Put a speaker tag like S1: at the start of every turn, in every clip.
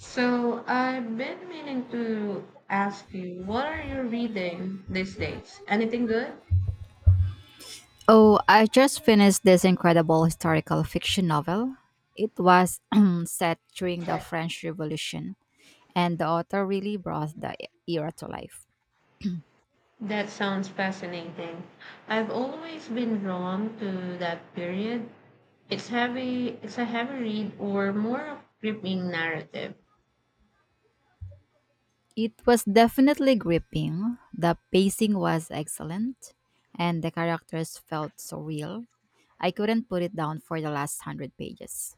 S1: So I've been meaning to ask you, what are you reading these days? Anything good?
S2: Oh, I just finished this incredible historical fiction novel. It was set during the French Revolution, and the author really brought the era to life.
S1: That sounds fascinating. I've always been drawn to that period. It's a heavy read or more of gripping narrative.
S2: It was definitely gripping, the pacing was excellent, and the characters felt so real. I couldn't put it down for the last hundred pages.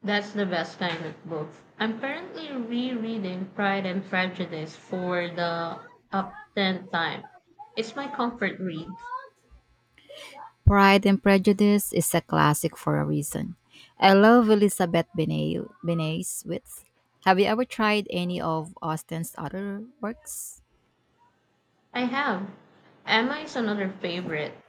S1: That's the best kind of book. I'm currently rereading Pride and Prejudice for the up 10th time. It's my comfort read.
S2: Pride and Prejudice is a classic for a reason. I love Elizabeth Benet's wits. Have you ever tried any of Austen's other works?
S1: I have. Emma is another favorite,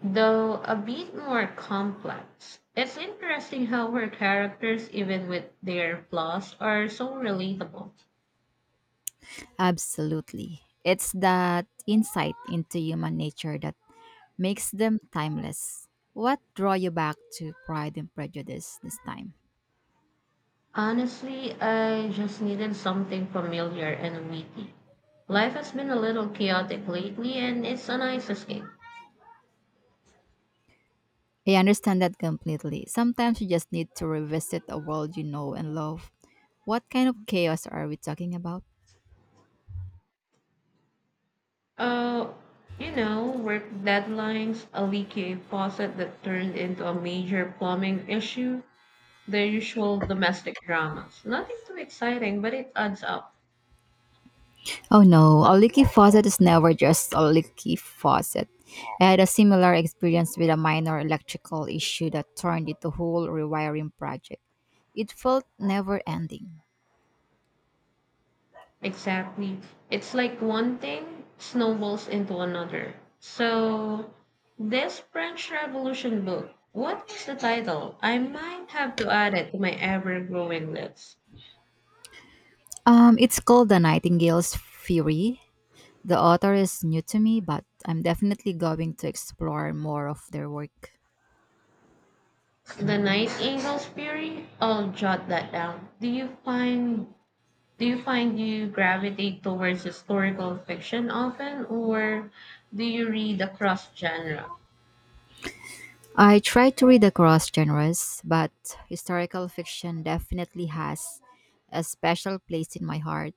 S1: though a bit more complex. It's interesting how her characters, even with their flaws, are so relatable.
S2: Absolutely. It's that insight into human nature that makes them timeless. What draw you back to Pride and Prejudice this time?
S1: Honestly, I just needed something familiar and witty. Life has been a little chaotic lately, and it's a nice escape.
S2: I understand that completely. Sometimes you just need to revisit a world you know and love. What kind of chaos are we talking about?
S1: Uh, Work deadlines, a leaky faucet that turned into a major plumbing issue, the usual domestic dramas. Nothing too exciting, but it adds up.
S2: Oh no, a leaky faucet is never just a leaky faucet. I had a similar experience with a minor electrical issue that turned into a whole rewiring project. It felt never ending.
S1: Exactly. It's like one thing snowballs into another. So, this French Revolution book, what is the title? I might have to add it to my ever growing list.
S2: It's called The Nightingale's Fury. The author is new to me, but I'm definitely going to explore more of their work.
S1: The Nightingale's Fury? I'll jot that down. Do you find you gravitate towards historical fiction often, or do you read across genre?
S2: I try to read across genres, but historical fiction definitely has a special place in my heart.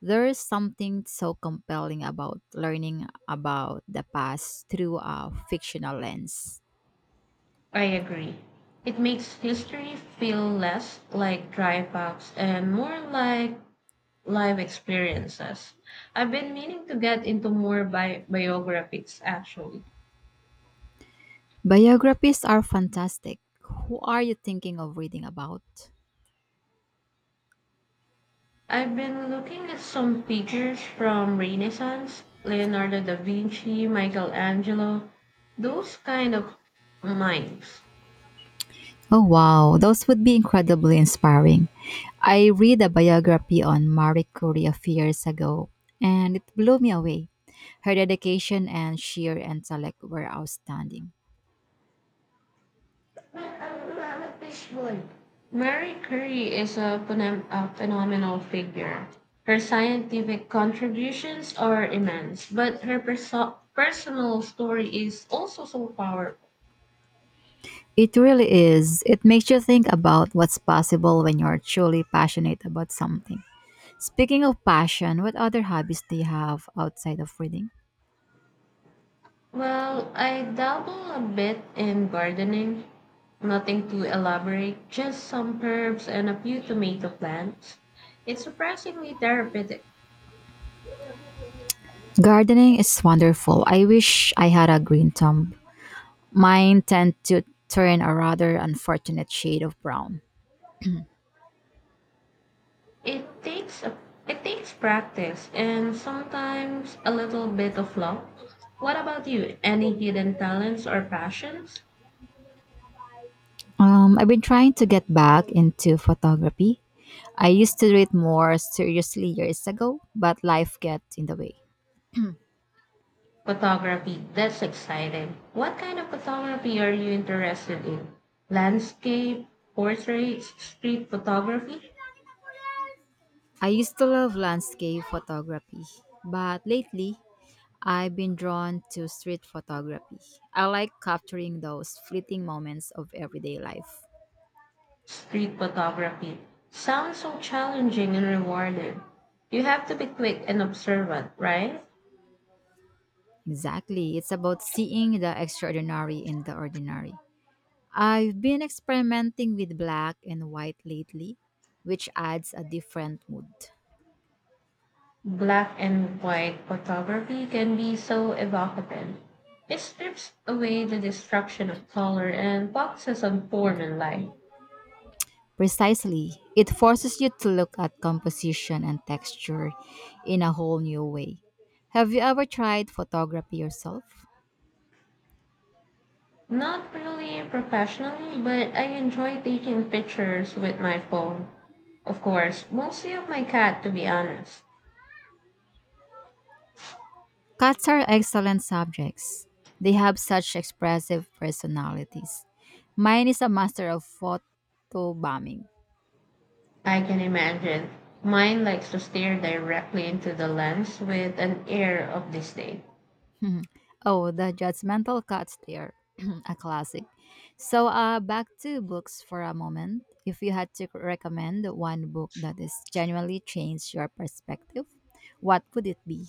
S2: There is something so compelling about learning about the past through a fictional lens.
S1: I agree. It makes history feel less like dry facts and more like live experiences. I've been meaning to get into more biographies actually.
S2: Biographies are fantastic. Who are you thinking of reading about?
S1: I've been looking at some figures from Renaissance, Leonardo da Vinci, Michelangelo, those kind of minds.
S2: Oh, wow. Those would be incredibly inspiring. I read a biography on Marie Curie a few years ago, and it blew me away. Her dedication and sheer intellect were outstanding.
S1: Mary Curie is a phenomenal figure. Her scientific contributions are immense, but her personal story is also so powerful.
S2: It really is. It makes you think about what's possible when you're truly passionate about something. Speaking of passion, what other hobbies do you have outside of reading?
S1: Well, I dabble a bit in gardening. Nothing too elaborate, just some herbs and a few tomato plants. It's surprisingly therapeutic.
S2: Gardening is wonderful. I wish I had a green thumb. Mine tend to turn a rather unfortunate shade of brown.
S1: It takes a, it takes practice and sometimes a little bit of luck. What about you? Any hidden talents or passions?
S2: I've been trying to get back into photography. I used to do it more seriously years ago, but life gets in the way.
S1: Photography. That's exciting. What kind of photography are you interested in? Landscape, portraits, street photography?
S2: I used to love landscape photography, but lately I've been drawn to street photography. I like capturing those fleeting moments of everyday life.
S1: Street photography. Sounds so challenging and rewarding. You have to be quick and observant, right?
S2: Exactly, it's about seeing the extraordinary in the ordinary. I've been experimenting with black and white lately, which adds a different mood.
S1: Black and white photography can be so evocative. It strips away the distraction of color and focuses on form and light.
S2: Precisely. It forces you to look at composition and texture in a whole new way. Have you ever tried photography yourself?
S1: Not really professionally, but I enjoy taking pictures with my phone. Of course, mostly of my cat, to be honest.
S2: Cats are excellent subjects. They have such expressive personalities. Mine is a master of photo bombing.
S1: I can imagine. Mine likes to stare directly into the lens with an air of disdain.
S2: Oh, the judgmental cats they are a classic. So, back to books for a moment. If you had to recommend one book that has genuinely changed your perspective, what would it be?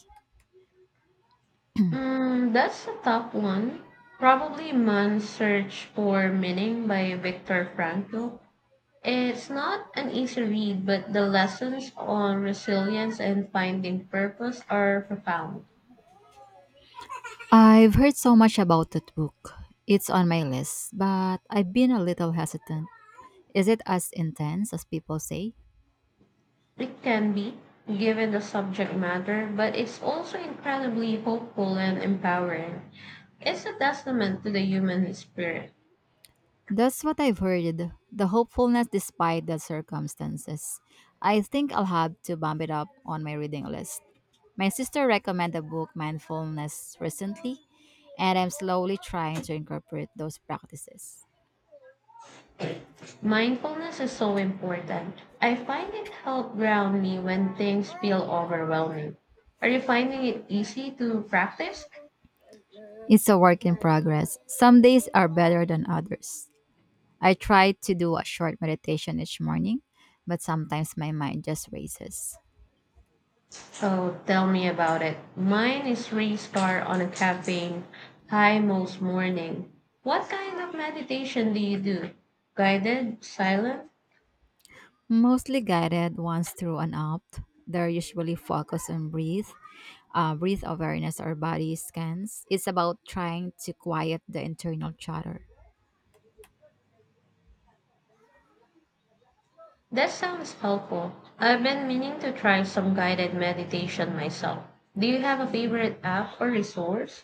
S1: Mm, that's a tough one. Probably Man's Search for Meaning by Viktor Frankl. It's not an easy read, but the lessons on resilience and finding purpose are profound.
S2: I've heard so much about that book. It's on my list, but I've been a little hesitant. Is it as intense as people say?
S1: It can be, given the subject matter, but it's also incredibly hopeful and empowering. It's a testament to the human spirit.
S2: That's what I've heard. The hopefulness despite the circumstances. I think I'll have to bump it up on my reading list. My sister recommended the book Mindfulness recently, and I'm slowly trying to incorporate those practices.
S1: Mindfulness is so important. I find it helps ground me when things feel overwhelming. Are you finding it easy to practice?
S2: It's a work in progress. Some days are better than others. I try to do a short meditation each morning, but sometimes my mind just races.
S1: Oh, tell me about it. Mine is restart on a caffeine high most morning. What kind of meditation do you do? Guided, silent?
S2: Mostly guided ones through an app. They're usually focused on breathe awareness or body scans. It's about trying to quiet the internal chatter.
S1: That sounds helpful. I've been meaning to try some guided meditation myself. Do you have a favorite app or resource?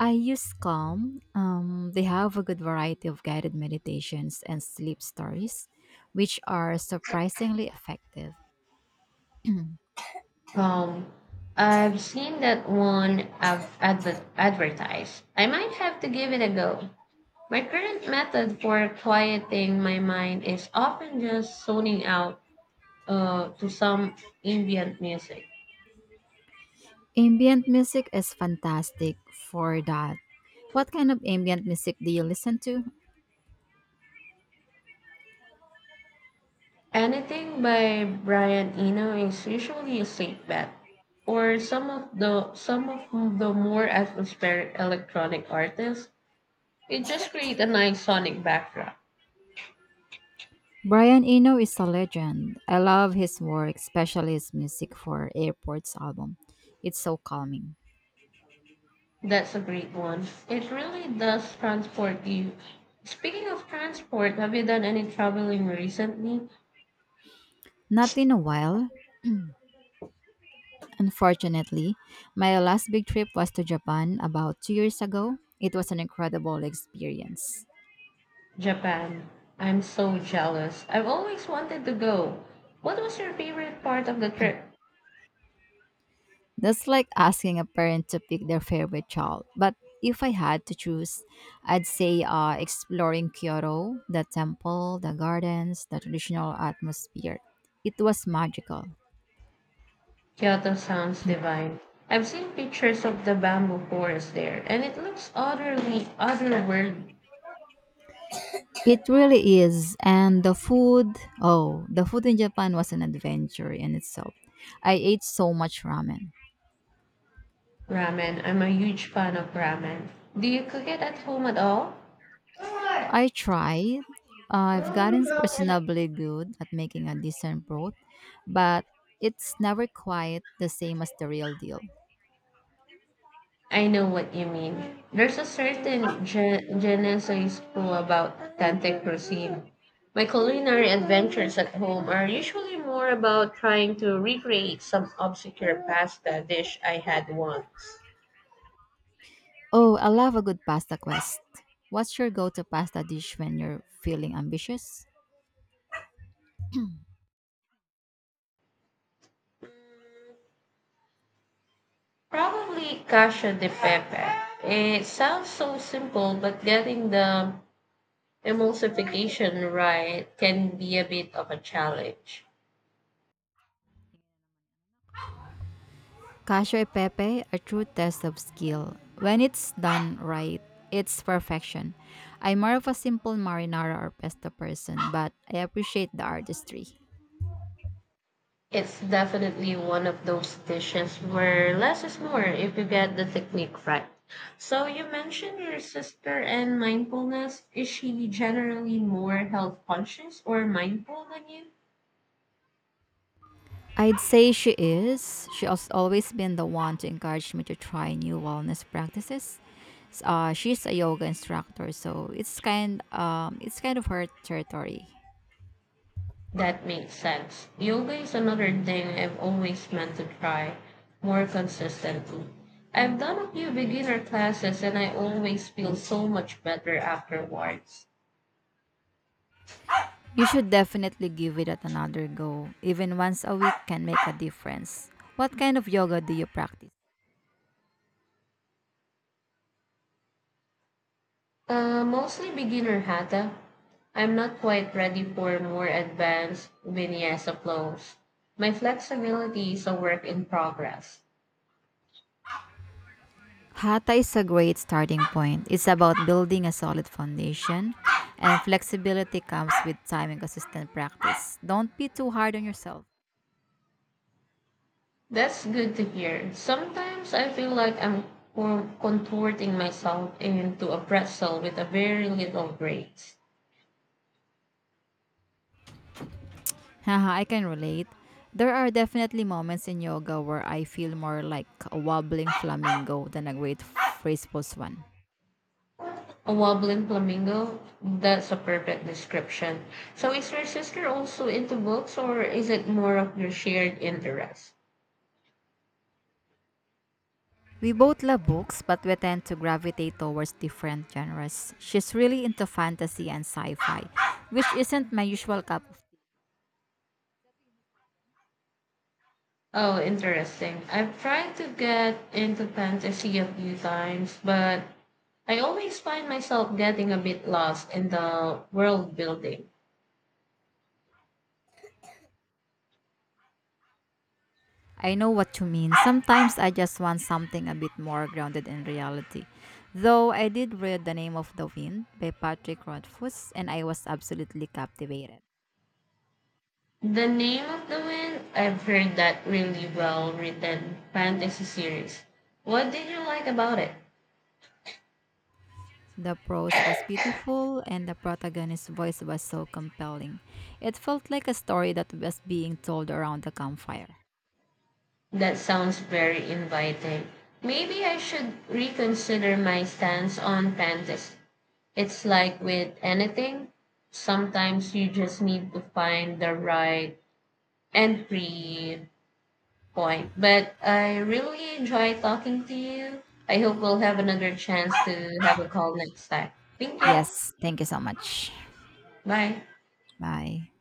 S2: I use Calm. They have a good variety of guided meditations and sleep stories, which are surprisingly effective.
S1: Um, I've seen that one advertised. I might have to give it a go. My current method for quieting my mind is often just zoning out to some ambient music.
S2: Ambient music is fantastic for that. What kind of ambient music do you listen to?
S1: Anything by Brian Eno is usually a safe bet, or some of the more atmospheric electronic artists. It just create a nice sonic backdrop.
S2: Brian Eno is a legend. I love his work, especially his music for Airports album. It's so calming.
S1: That's a great one. It really does transport you. Speaking of transport, have you done any traveling recently?
S2: Not in a while, unfortunately. My last big trip was to Japan about 2 years ago. It was an incredible experience.
S1: Japan. I'm so jealous. I've always wanted to go. What was your favorite part of the trip?
S2: That's like asking a parent to pick their favorite child. But if I had to choose, I'd say exploring Kyoto, the temple, the gardens, the traditional atmosphere. It was magical.
S1: Kyoto sounds divine. I've seen pictures of the bamboo forest there, and it looks utterly otherworld.
S2: It really is. And the food, oh, the food in Japan was an adventure in itself. I ate so much ramen.
S1: Ramen. I'm a huge fan of ramen. Do you cook it at home at all?
S2: I tried. I've gotten reasonably good at making a decent broth, but it's never quite the same as the real deal.
S1: I know what you mean. There's a certain je ne sais quoi about authentic cuisine. My culinary adventures at home are usually more about trying to recreate some obscure pasta dish I had once.
S2: Oh, I love a good pasta quest. What's your go to pasta dish when you're feeling ambitious?
S1: Probably cacio di pepe. It sounds so simple, but getting the emulsification right can be a bit of a challenge.
S2: Cashew e pepe, a true test of skill. When it's done right, it's perfection. I'm more of a simple marinara or pesto person, but I appreciate the artistry.
S1: It's definitely one of those dishes where less is more if you get the technique right. So you mentioned your sister and mindfulness. Is she generally more health conscious or mindful than you?
S2: I'd say she is. She has always been the one to encourage me to try new wellness practices. She's a yoga instructor, so it's kind of her territory.
S1: That makes sense. Yoga is another thing I've always meant to try more consistently. I've done a few beginner classes, and I always feel so much better afterwards.
S2: You should definitely give it at another go. Even once a week can make a difference. What kind of yoga do you practice?
S1: Mostly beginner hatha. I'm not quite ready for more advanced vinyasa flows. My flexibility is a work in progress.
S2: Hatha is a great starting point. It's about building a solid foundation, and flexibility comes with time and consistent practice. Don't be too hard on yourself.
S1: That's good to hear. Sometimes I feel like I'm contorting myself into a pretzel with a very little grace.
S2: Haha, I can relate. There are definitely moments in yoga where I feel more like a wobbling flamingo than a great phraseful swan.
S1: A wobbling flamingo? That's a perfect description. So is your sister also into books, or is it more of your shared interest?
S2: We both love books, but we tend to gravitate towards different genres. She's really into fantasy and sci fi, which isn't my usual cup of tea.
S1: Oh, interesting. I've tried to get into fantasy a few times, but I always find myself getting a bit lost in the world building.
S2: I know what you mean. Sometimes I just want something a bit more grounded in reality. Though I did read The Name of the Wind by Patrick Rothfuss, and I was absolutely captivated.
S1: The Name of the Wind, I've heard that really well written fantasy series. What did you like about it?
S2: The prose was beautiful, and the protagonist's voice was so compelling. It felt like a story that was being told around the campfire.
S1: That sounds very inviting. Maybe I should reconsider my stance on fantasy. It's like with anything, sometimes you just need to find the right entry point. But I really enjoy talking to you. I hope we'll have another chance to have a call next time. Thank you.
S2: Yes, thank you so much.
S1: Bye.
S2: Bye.